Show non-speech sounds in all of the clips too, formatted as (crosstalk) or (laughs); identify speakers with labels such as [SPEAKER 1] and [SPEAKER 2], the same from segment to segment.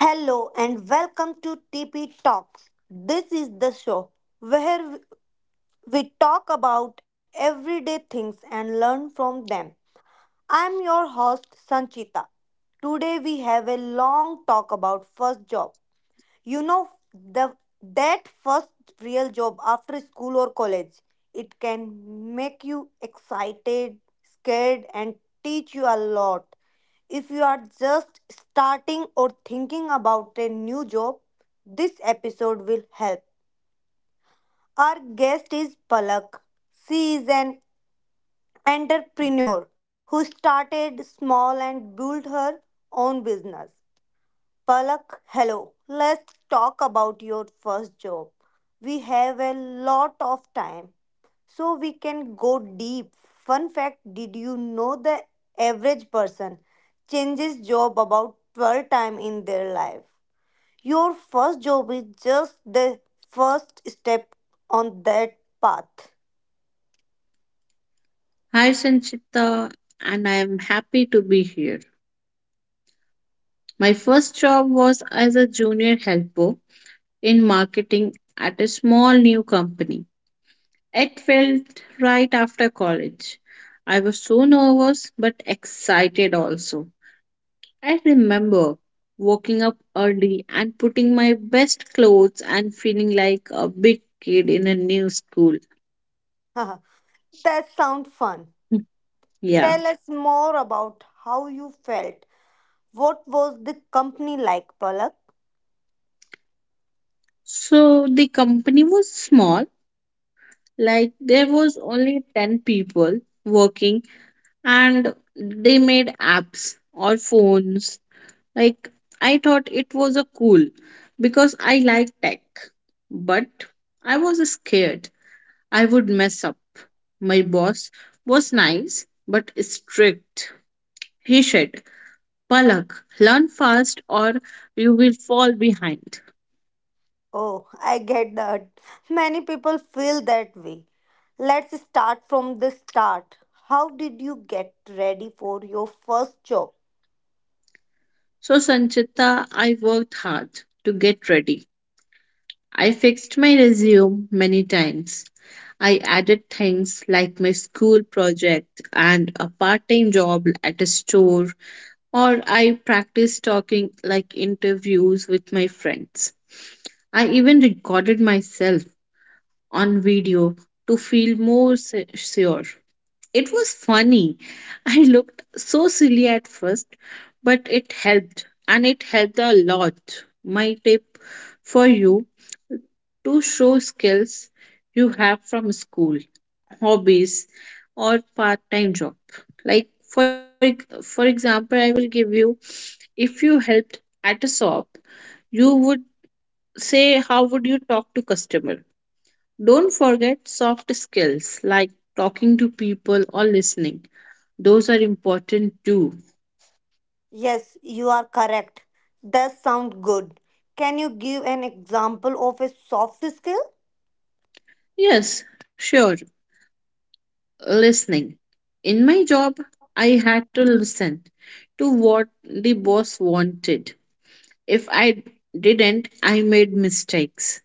[SPEAKER 1] Hello and welcome to TP Talks. This is the show where we talk about everyday things and learn from them. I'm your host Sanchita. Today we have a long talk about first job. The that first real job after school or college, it can make you excited, scared, and teach you a lot. If you are just starting or thinking about a new job, this episode will help. Our guest is Palak. She is an entrepreneur who started small and built her own business. Palak, hello. Let's talk about your first job. We have a lot of time, so we can go deep. Fun fact. Did you know the average person changes job about 12 times in their life? Your first job is just the first step on that path.
[SPEAKER 2] Hi Sanchita, and I am happy to be here. My first job was as a junior helper in marketing at a small new company. It felt right after college. I was so nervous but excited also. I remember waking up early and putting my best clothes and feeling like a big kid in a new school.
[SPEAKER 1] (laughs) That sounds fun.
[SPEAKER 2] (laughs) Yeah.
[SPEAKER 1] Tell us more about how you felt. What was the company like, Palak?
[SPEAKER 2] So the company was small, like there was only 10 people working and they made apps or phones. like I thought it was a cool because I like tech, but I was scared I would mess up. My boss was nice but strict. He said, Palak, learn fast or you will fall behind.
[SPEAKER 1] Oh, I get that. Many people feel that way. Let's start from the start. How did you get ready for your first job?
[SPEAKER 2] So Sanchita, I worked hard to get ready. I fixed my resume many times. I added things like my school project and a part time job at a store, or I practiced talking like interviews with my friends. I even recorded myself on video to feel more sure. It was funny. (laughs) I looked so silly at first, but it helped, and it helped a lot. My tip for you to show skills you have from school, hobbies, or part time job. Like, for example, I will give you, if you helped at a shop, you would say, How would you talk to customer? Don't forget soft skills like talking to people or listening. Those are important too.
[SPEAKER 1] Yes, you are correct. That sounds good. Can you give an example of a soft skill?
[SPEAKER 2] Yes, sure, listening. In my job, I had to listen to what the boss wanted. If I didn't, I made mistakes.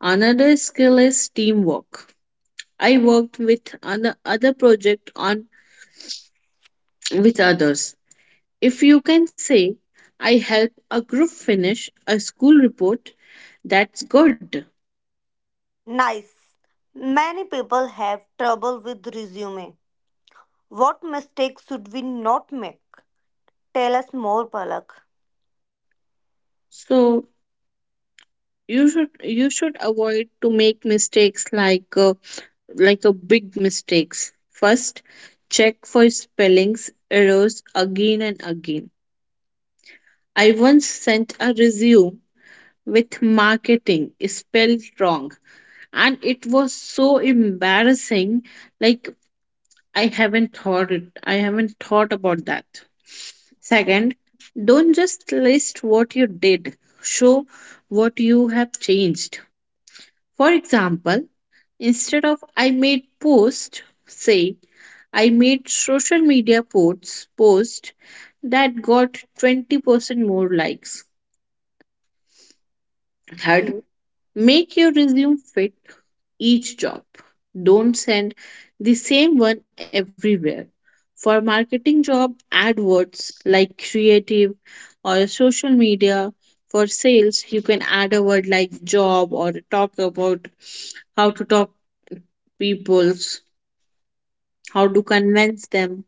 [SPEAKER 2] Another skill is teamwork. I worked with another other project on with others. If you can say I help a group finish a school report, that's good.
[SPEAKER 1] Nice. Many people have trouble with resume. What mistakes should we not make? Tell us more, Palak.
[SPEAKER 2] So you should you should avoid to make mistakes like a big mistakes. First, check for spellings errors again and again. I once sent a resume with marketing spelled wrong and it was so embarrassing. Like, I haven't thought about that. Second, don't just list what you did, show what you have changed. For example, instead of I made post, say I made social media post that got 20% more likes. Third,
[SPEAKER 1] Okay.
[SPEAKER 2] make your resume fit each job. Don't send the same one everywhere. For marketing job, add words like creative or social media. For sales, you can add a word like job or talk about how to talk people's, how to convince them.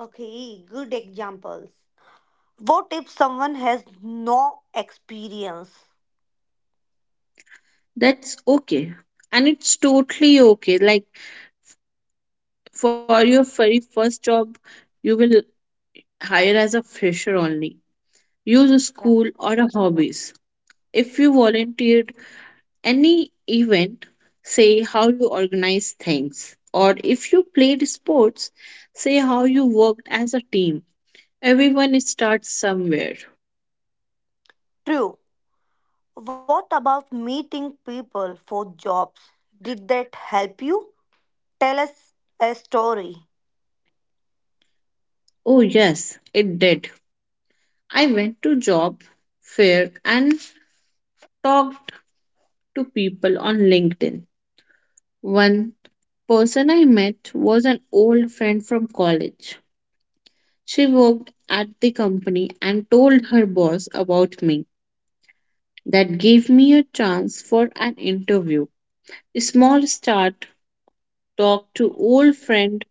[SPEAKER 1] Okay, good examples. What if someone has no experience?
[SPEAKER 2] That's okay. And it's totally okay. Like, for your very first job, you will hire as a fresher only, use a school
[SPEAKER 1] Yeah.
[SPEAKER 2] or a hobbies. If you volunteered any event, say how you organize things. Or if you played sports, say how you worked as a team. Everyone starts somewhere.
[SPEAKER 1] True. What about meeting people for jobs? Did that help you? Tell us a story.
[SPEAKER 2] Oh yes, it did. I went to job fair and talked to people on LinkedIn. One person I met was an old friend from college. She worked at the company and told her boss about me. That gave me a chance for an interview, a small start, talk to old friend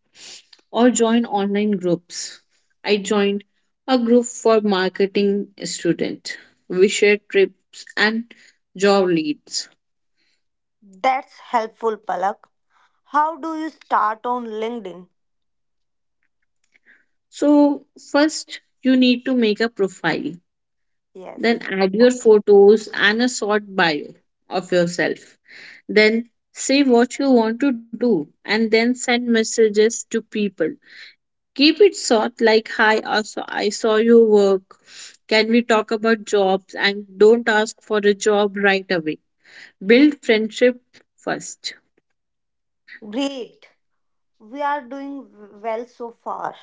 [SPEAKER 2] or join online groups. I joined a group for marketing student. We share trips and job leads.
[SPEAKER 1] That's helpful, Palak. How do you start on LinkedIn?
[SPEAKER 2] So first you need to make a profile. Then
[SPEAKER 1] Yes.
[SPEAKER 2] add your photos and a short bio of yourself. Then say what you want to do and then send messages to people. Keep it short like, hi, I saw your work. Can we talk about jobs, and don't ask for a job right away. Build friendship first.
[SPEAKER 1] Great. We are doing well so far.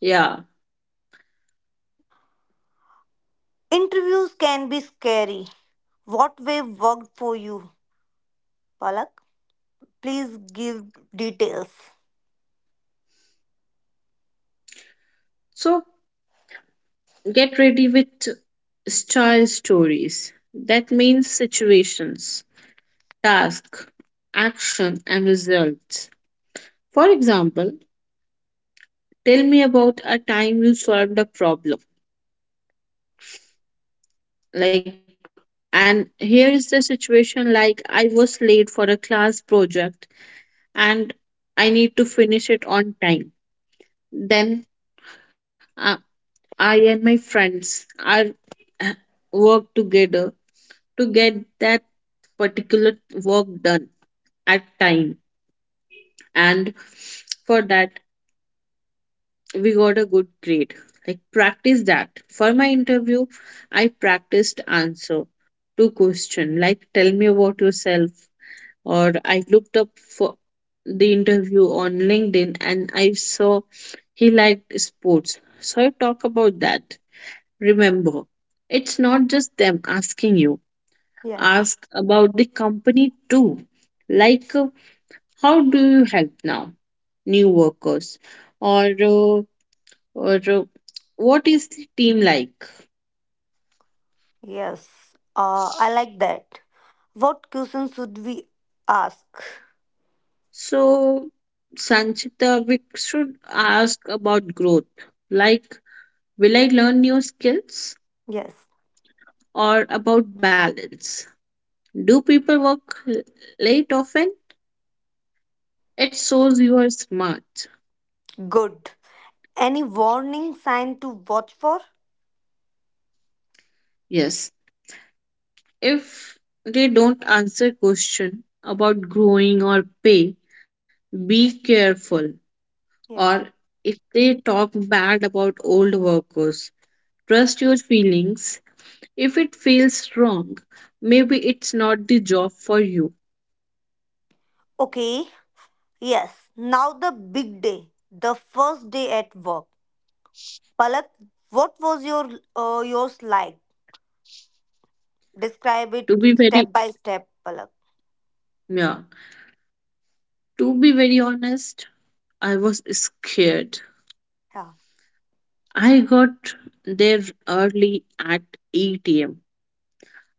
[SPEAKER 2] Yeah.
[SPEAKER 1] Interviews can be scary. What way worked for you, Palak? Please give details.
[SPEAKER 2] So get ready with style stories. That means situations, task, action and results. For example, tell me about a time you solved a problem. Like, and here is the situation, like I was late for a class project and I need to finish it on time. Then uh, I and my friends are uh, work together to get that particular work done at time. And for that, we got a good grade. Like, practice that. For my interview, I practiced answer to question like tell me about yourself, or I looked up for the interview on LinkedIn and I saw he liked sports, so I talk about that. Remember, it's not just them asking you,
[SPEAKER 1] Yes.
[SPEAKER 2] ask about the company too. Like how do you help now new workers, or uh, or what is the team like?
[SPEAKER 1] Yes, I like that. What questions should we ask?
[SPEAKER 2] So, Sanchita, we should ask about growth. Like, will I learn new skills,
[SPEAKER 1] Yes,
[SPEAKER 2] or about balance? Do people work late often? It shows you are smart.
[SPEAKER 1] good. Any warning sign to watch for?
[SPEAKER 2] Yes. If they don't answer question about growing or pay, be careful. Or
[SPEAKER 1] Yes.
[SPEAKER 2] if they talk bad about old workers, trust your feelings. If it feels wrong, maybe it's not the job for you.
[SPEAKER 1] Okay, yes. Now the big day, the first day at work. Palak, what was your yours like? Describe it
[SPEAKER 2] To be very
[SPEAKER 1] step by step, Palak.
[SPEAKER 2] Yeah, to be very honest, I was scared.
[SPEAKER 1] Yeah.
[SPEAKER 2] I got there early at 8 a.m.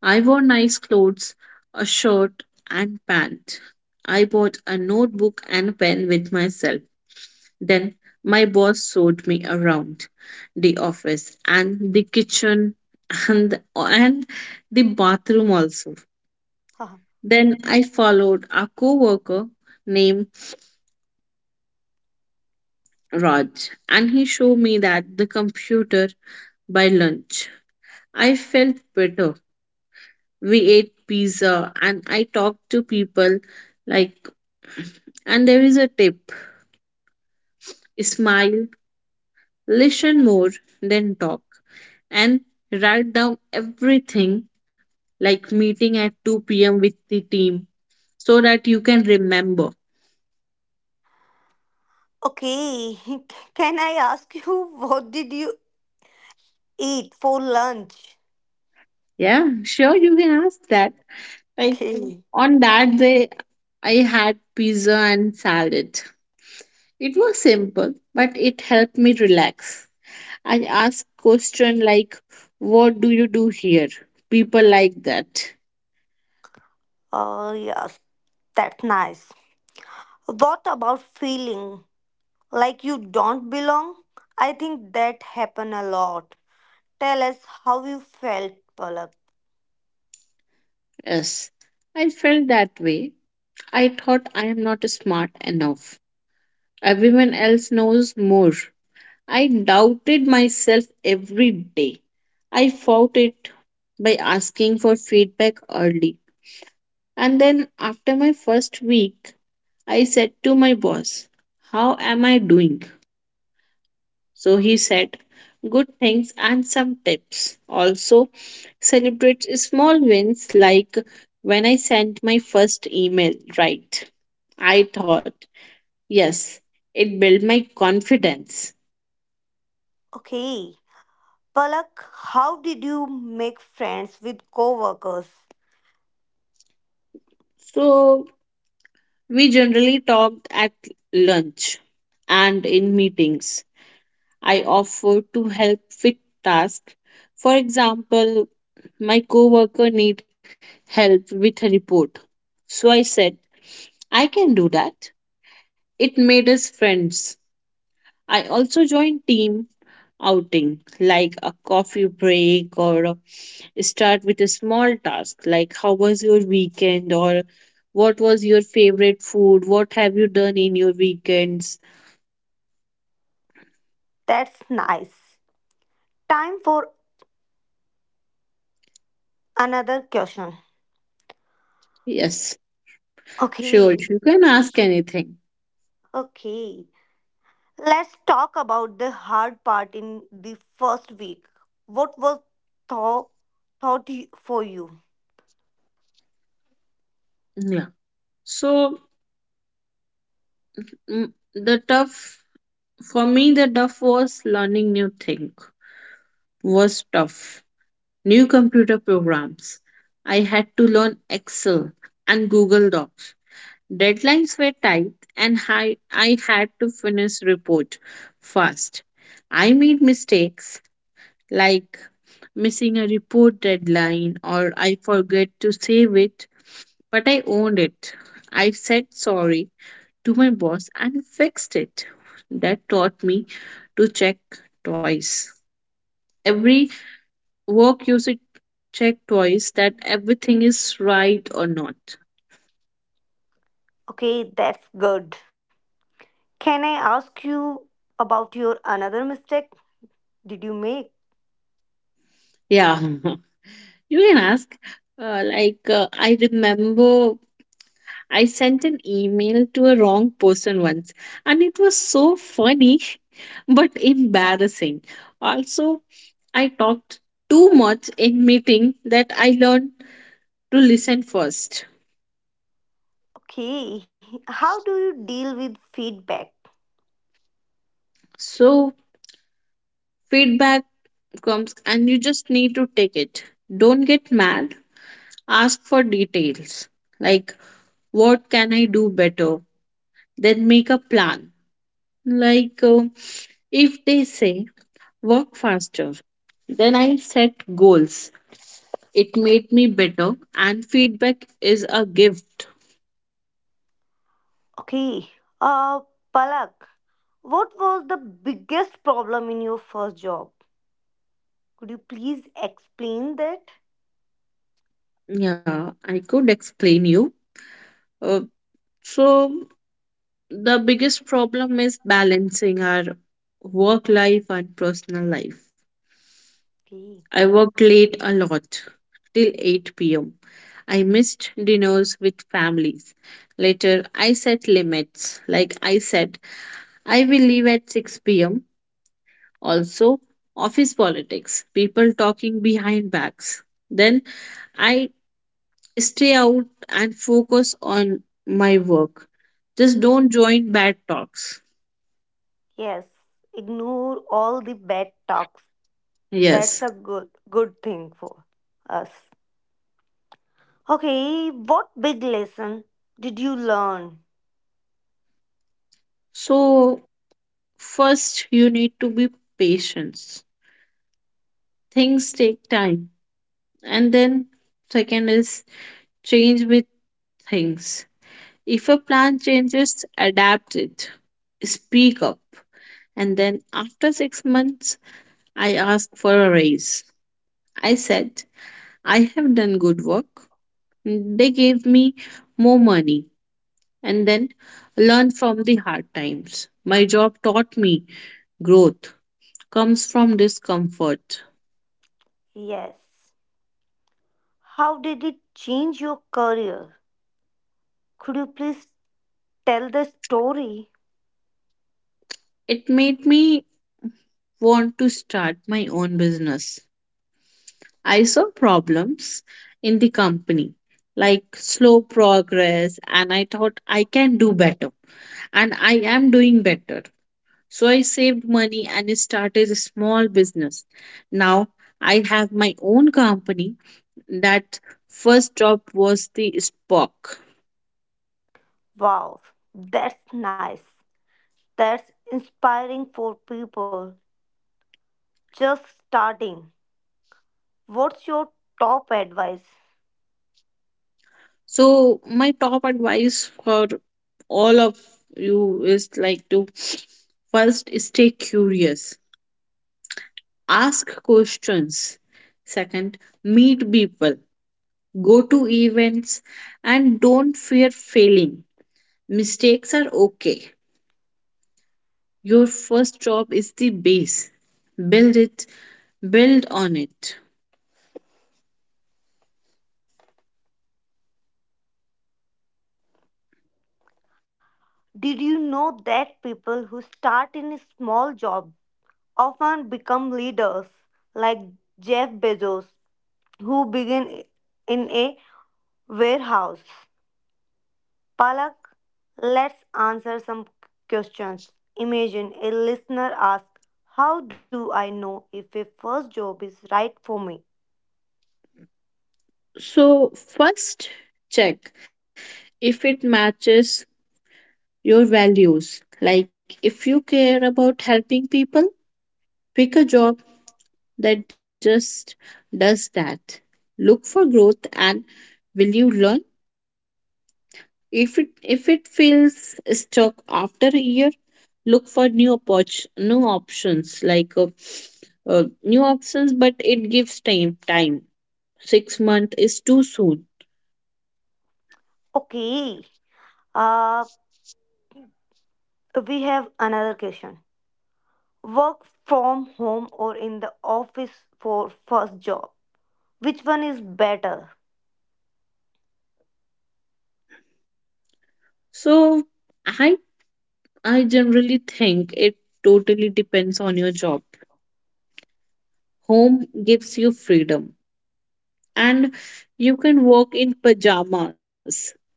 [SPEAKER 2] I wore nice clothes, a shirt and pant. I bought a notebook and pen with myself. Then my boss showed me around the office and the kitchen and the bathroom also.
[SPEAKER 1] Haha.
[SPEAKER 2] Then I followed a coworker named Raj and he showed me that the computer by lunch. I felt better. We ate pizza and I talked to people. Like, and there is a tip. Smile, listen more than talk and write down everything like meeting at 2 p.m. with the team so that you can remember.
[SPEAKER 1] Okay, (laughs) can I ask you what did you eat for lunch?
[SPEAKER 2] Yeah, sure you can ask that. Like,
[SPEAKER 1] Okay.
[SPEAKER 2] on that day, I had pizza and salad. It was simple, but it helped me relax. I asked question like, "What do you do here?" People like that.
[SPEAKER 1] Oh, yes, that's nice. What about feeling like you don't belong? I think that happen a lot. Tell us how you felt, Palak.
[SPEAKER 2] Yes, I felt that way. I thought I am not smart enough. Everyone else knows more. I doubted myself every day. I fought it by asking for feedback early. And then after my first week, I said to my boss, How am I doing? So he said, Good things and some tips. Also, celebrate small wins like when I sent my first email, right? I thought, yes, it built my confidence.
[SPEAKER 1] Okay. Palak, how did you make friends with coworkers?
[SPEAKER 2] So we generally talked at lunch and in meetings. I offer to help with tasks. For example, my coworker need help with a report. So I said, I can do that. It made us friends. I also joined team outing like a coffee break, or start with a small task like how was your weekend or what was your favorite food? What have you done in your weekends?
[SPEAKER 1] That's nice. Time for another question.
[SPEAKER 2] Yes, sure.
[SPEAKER 1] Okay.
[SPEAKER 2] You can ask anything.
[SPEAKER 1] Okay. Let's talk about the hard part in the first week. What was thought thought for you?
[SPEAKER 2] Yeah. So Mm, the tough the tough was learning new thing was tough, new computer programs. I had to learn Excel and Google Docs. Deadlines were tight and I had to finish report fast. I made mistakes like missing a report deadline or I forget to save it, but I owned it. I said sorry to my boss and fixed it. That taught me to check twice. Every work you should check twice that everything is right or not.
[SPEAKER 1] Okay, that's good. Can I ask you about your another mistake did you make?
[SPEAKER 2] Yeah, (laughs) you can ask. I remember I sent an email to a wrong person once, and it was so funny (laughs) but embarrassing. Also, I talked too much in meeting that I learned to listen first.
[SPEAKER 1] Okay, how do you deal with feedback?
[SPEAKER 2] So feedback comes and you just need to take it. Don't get mad. Ask for details. Like, what can I do better? Then make a plan. Like if they say work faster, then I set goals. It made me better and feedback is a gift.
[SPEAKER 1] Okay, uh, Palak, what was the biggest problem in your first job? Could you please explain that?
[SPEAKER 2] Yeah, I could explain you. Uh, so The biggest problem is balancing our work life and personal life.
[SPEAKER 1] Okay,
[SPEAKER 2] I worked late a lot, till 8 pm. I missed dinners with families. Later, I set limits. Like I said, I will leave at 6 pm. Also, office politics, people talking behind backs. Then I stay out and focus on my work. Just don't join bad talks.
[SPEAKER 1] yes, ignore all the bad talks. That's
[SPEAKER 2] Yes,
[SPEAKER 1] a good thing for us. Okay, what big lesson did you learn?
[SPEAKER 2] so, first, you need to be patient. Things take time. And then, second is change with things. If a plan changes, adapt it, speak up. And then, after 6 months, I asked for a raise. I said, I have done good work. They gave me more money. And then, learn from the hard times. My job taught me growth comes from discomfort.
[SPEAKER 1] Yes, how did it change your career? Could you please tell the story?
[SPEAKER 2] It made me want to start my own business. I saw problems in the company, like slow progress, and I thought I can do better. And I am doing better. So I saved money and started a small business. Now I have my own company. That first job was the spark.
[SPEAKER 1] Wow, that's nice. That's inspiring for people just starting. What's your top advice?
[SPEAKER 2] So my top advice for all of you is like to first stay curious, ask questions. Second, meet people, go to events and don't fear failing. Mistakes are okay. Your first job is the base. Build it, build on it.
[SPEAKER 1] Did you know that people who start in a small job often become leaders, like Jeff Bezos, who began in a warehouse? Palak, let's answer some questions. Imagine a listener asks, how do I know if a first job is right for me?
[SPEAKER 2] So first check if it matches your values. Like if you care about helping people, pick a job that just does that. Look for growth and will you learn? If it feels stuck after a year, look for new options like new options, but it gives time. 6 months is too soon.
[SPEAKER 1] Okay. Uh, we have another question. Work from home or in the office for first job? Which one is better? (laughs)
[SPEAKER 2] So I I generally think it totally depends on your job. Home gives you freedom, and you can walk in pajamas.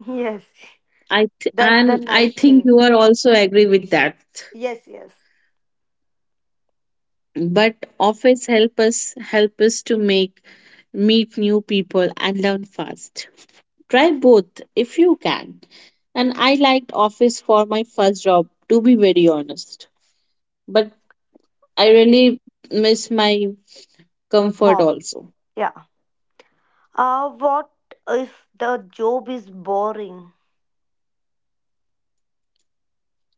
[SPEAKER 1] Yes,
[SPEAKER 2] I th-
[SPEAKER 1] that's
[SPEAKER 2] and
[SPEAKER 1] the
[SPEAKER 2] I
[SPEAKER 1] nice
[SPEAKER 2] think you
[SPEAKER 1] thing.
[SPEAKER 2] are also agree with that.
[SPEAKER 1] Yes, yes.
[SPEAKER 2] But office help us to make meet new people and learn fast. Try both if you can. And I liked office for my first job, to be very honest. But I really miss my comfort
[SPEAKER 1] Huh.
[SPEAKER 2] also.
[SPEAKER 1] Yeah. What if the job is boring?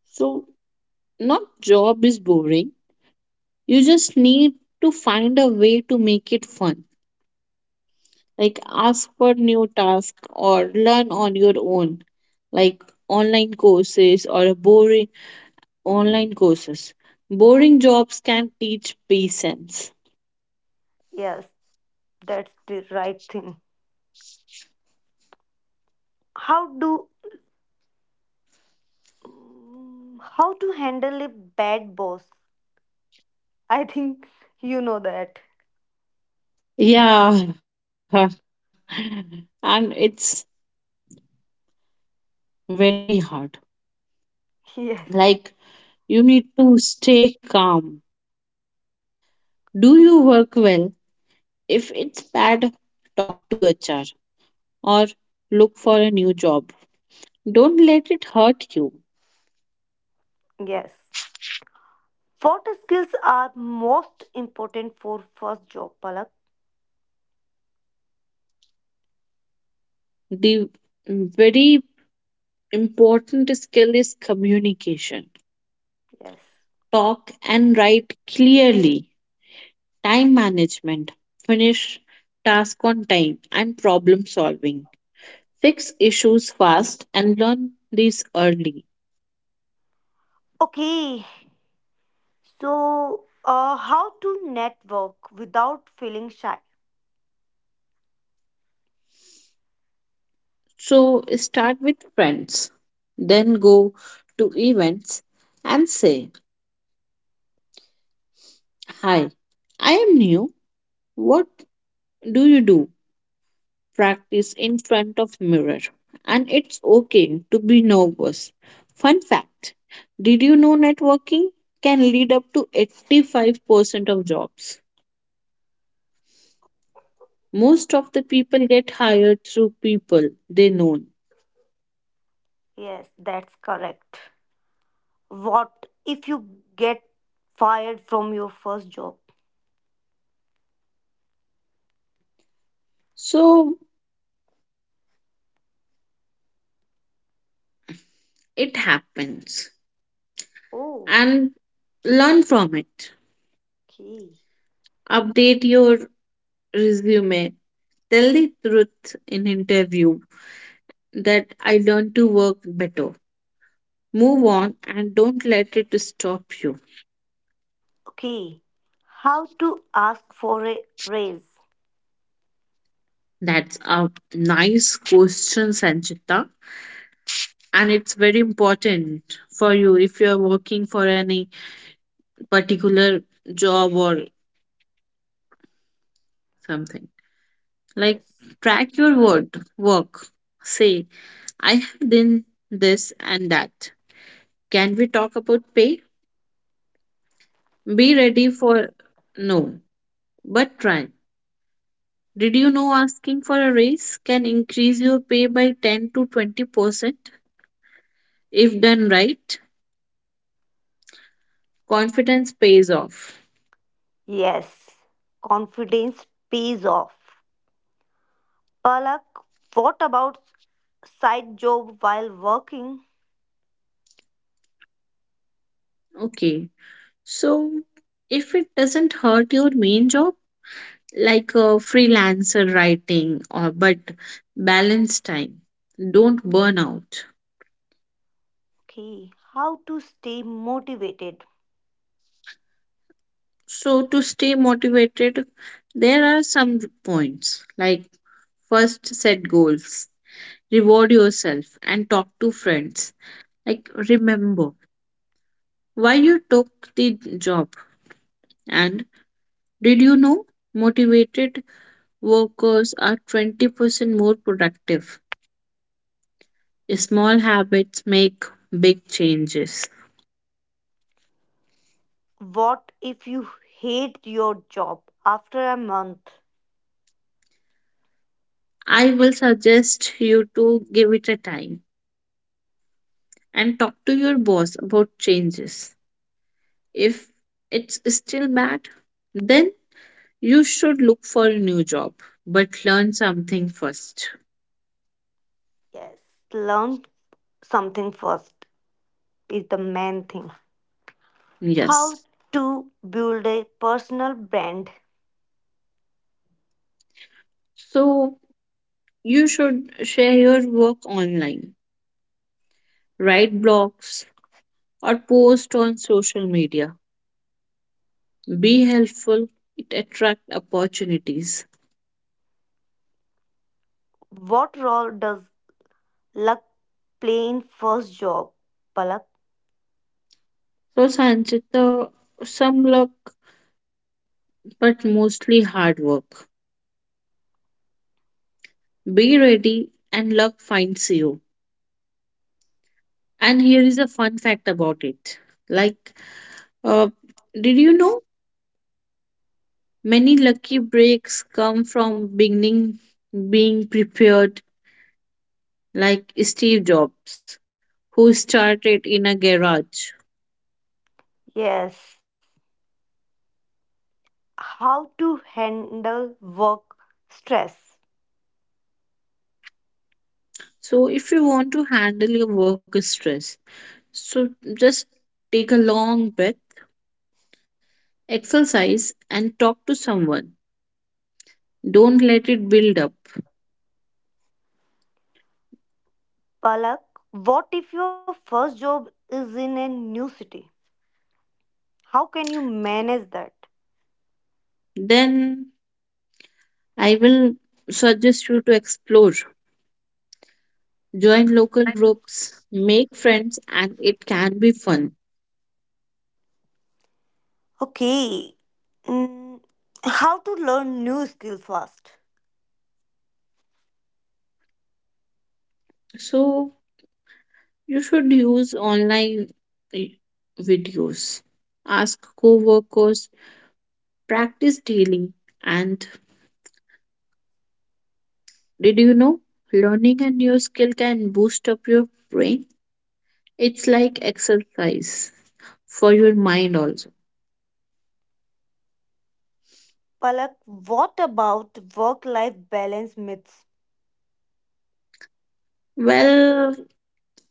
[SPEAKER 2] So not job is boring. You just need to find a way to make it fun, like ask for new task or learn on your own, like online courses. Boring jobs can teach patience.
[SPEAKER 1] Yes, that's the right thing. How do how to handle a bad boss? I think you know that.
[SPEAKER 2] Yeah, (laughs) and it's very hard.
[SPEAKER 1] (laughs) Yes,
[SPEAKER 2] Like, you need to stay calm, do you work well. If it's bad, talk to HR or look for a new job. Don't let it hurt you.
[SPEAKER 1] yes. What skills are most important for first job, Palak?
[SPEAKER 2] The very important skill is communication.
[SPEAKER 1] Yes.
[SPEAKER 2] Talk and write clearly, time management, finish task on time, and problem solving. Fix issues fast and learn these early.
[SPEAKER 1] Okay, so how to network without feeling shy?
[SPEAKER 2] So start with friends, then go to events and say, "Hi, I am new. What do you do?" Practice in front of mirror, and it's okay to be nervous. Fun fact: did you know networking can lead up to 85% of jobs? Most of the people get hired through people they know.
[SPEAKER 1] Yes, that's correct. What if you get fired from your first job?
[SPEAKER 2] So it happens,
[SPEAKER 1] Oh.
[SPEAKER 2] and learn from it.
[SPEAKER 1] Okay.
[SPEAKER 2] Update your resume, tell the truth in interview that I learned to work better. Move on and don't let it stop you.
[SPEAKER 1] Okay. How to ask for a raise?
[SPEAKER 2] That's a nice question, Sanchita. And it's very important for you if you're working for any particular job or something. Like,
[SPEAKER 1] Yes.
[SPEAKER 2] track your work. Say, I have done this and that. Can we talk about pay? Be ready for no, but try. Did you know asking for a raise can increase your pay by 10 to 20% if done right? Confidence pays off.
[SPEAKER 1] Yes. Confidence pays off. Palak, what about side job while working?
[SPEAKER 2] Okay. So, if it doesn't hurt your main job, like a freelancer writing, or but balance time, don't burn out.
[SPEAKER 1] Okay. How to stay motivated?
[SPEAKER 2] So, to stay motivated, there are some points like first set goals, reward yourself, and talk to friends. Like, remember why you took the job. And did you know motivated workers are 20% more productive? Small habits make big changes.
[SPEAKER 1] What if you hate your job after a month?
[SPEAKER 2] I will suggest you to give it a time and talk to your boss about changes. If it's still bad, then you should look for a new job, but learn something first.
[SPEAKER 1] Yes. Learn something first is the main thing. How
[SPEAKER 2] Yes.
[SPEAKER 1] to build a personal brand?
[SPEAKER 2] So you should share your work online, write blogs, or post on social media. Be helpful, it attracts opportunities.
[SPEAKER 1] What role does Luck playing first job, Palak?
[SPEAKER 2] So, Sanchita, some luck, but mostly hard work. Be ready, and luck finds you. And here is a fun fact about it. Like, uh, did you know many lucky breaks come from beginning being prepared, like Steve Jobs, who started in a garage.
[SPEAKER 1] Yes. How to handle work stress,
[SPEAKER 2] So, if you want to handle your work stress, so just take a long breath, exercise, and talk to someone. Don't let it build up.
[SPEAKER 1] Palak? What if your first job is in a new city? How can you manage that?
[SPEAKER 2] Then I will suggest you to explore. Join local groups, make friends, and it can be fun.
[SPEAKER 1] Okay. Mm, how to learn new skills fast?
[SPEAKER 2] So you should use online eh, videos. Ask co-workers, practice daily, and did you know learning a new skill can boost up your brain? It's like exercise for your mind also.
[SPEAKER 1] Palak, what about work-life balance myths?
[SPEAKER 2] Well,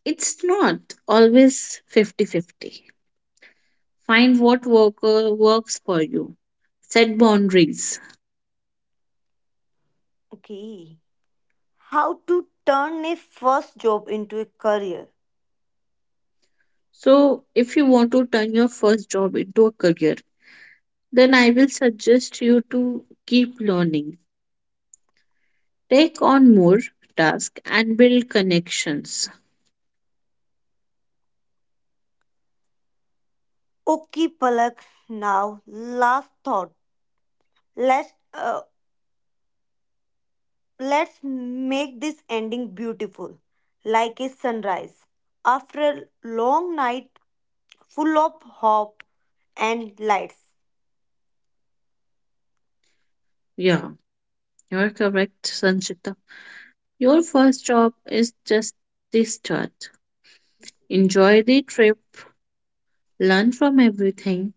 [SPEAKER 2] it's not always 50-50. Find what works for you, set boundaries.
[SPEAKER 1] Okay. How to turn a first job into a career?
[SPEAKER 2] So, if you want to turn your first job into a career, then I will suggest you to keep learning, take on more tasks, and build connections.
[SPEAKER 1] Okay, Palak. Now, last thought. Let's uh, let's make this ending beautiful, like a sunrise after a long night full of hope and lights.
[SPEAKER 2] Yeah, you're correct, Sanchita. Your first job is just the start. Enjoy the trip, learn from everything,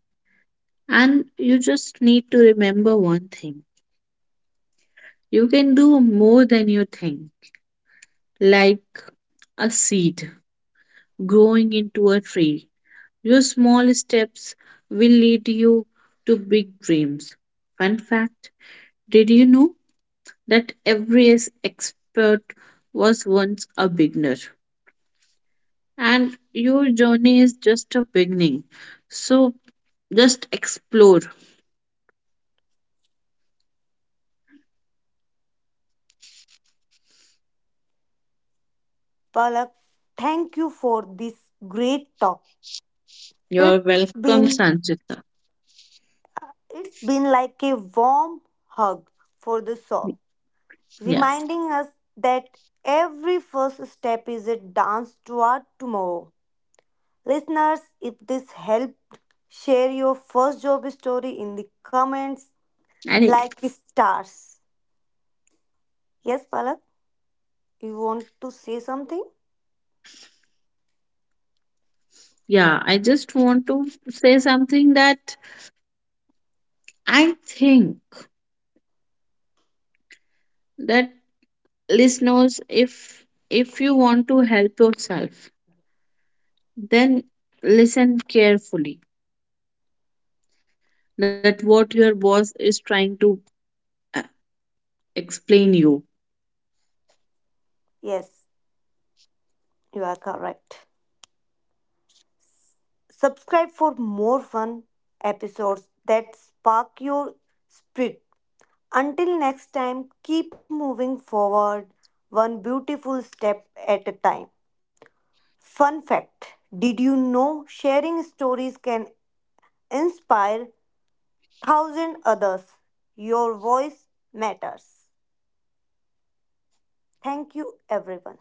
[SPEAKER 2] and you just need to remember one thing. You can do more than you think, like a seed growing into a tree. Your small steps will lead you to big dreams. Fun fact: did you know that expert was once a beginner? And your journey is just a beginning. So just explore.
[SPEAKER 1] Palak, thank you for this great talk.
[SPEAKER 2] You're
[SPEAKER 1] It's been
[SPEAKER 2] welcome, Sanchita.
[SPEAKER 1] it's been like a warm hug for the soul,
[SPEAKER 2] Yes.
[SPEAKER 1] reminding us that every first step is a dance toward tomorrow. Listeners, if this helped, share your first job story in the comments
[SPEAKER 2] And
[SPEAKER 1] like stars. Yes, Palak, you want to say something?
[SPEAKER 2] yeah, I just want to say something that I think that listeners, if you want to help yourself, then listen carefully that what your boss is trying to uh, explain you.
[SPEAKER 1] Yes, you are correct. Subscribe for more fun episodes that spark your spirit. Until next time, keep moving forward one beautiful step at a time. Fun fact. Did you know sharing stories can inspire thousand others. Your voice matters. Thank you, everyone.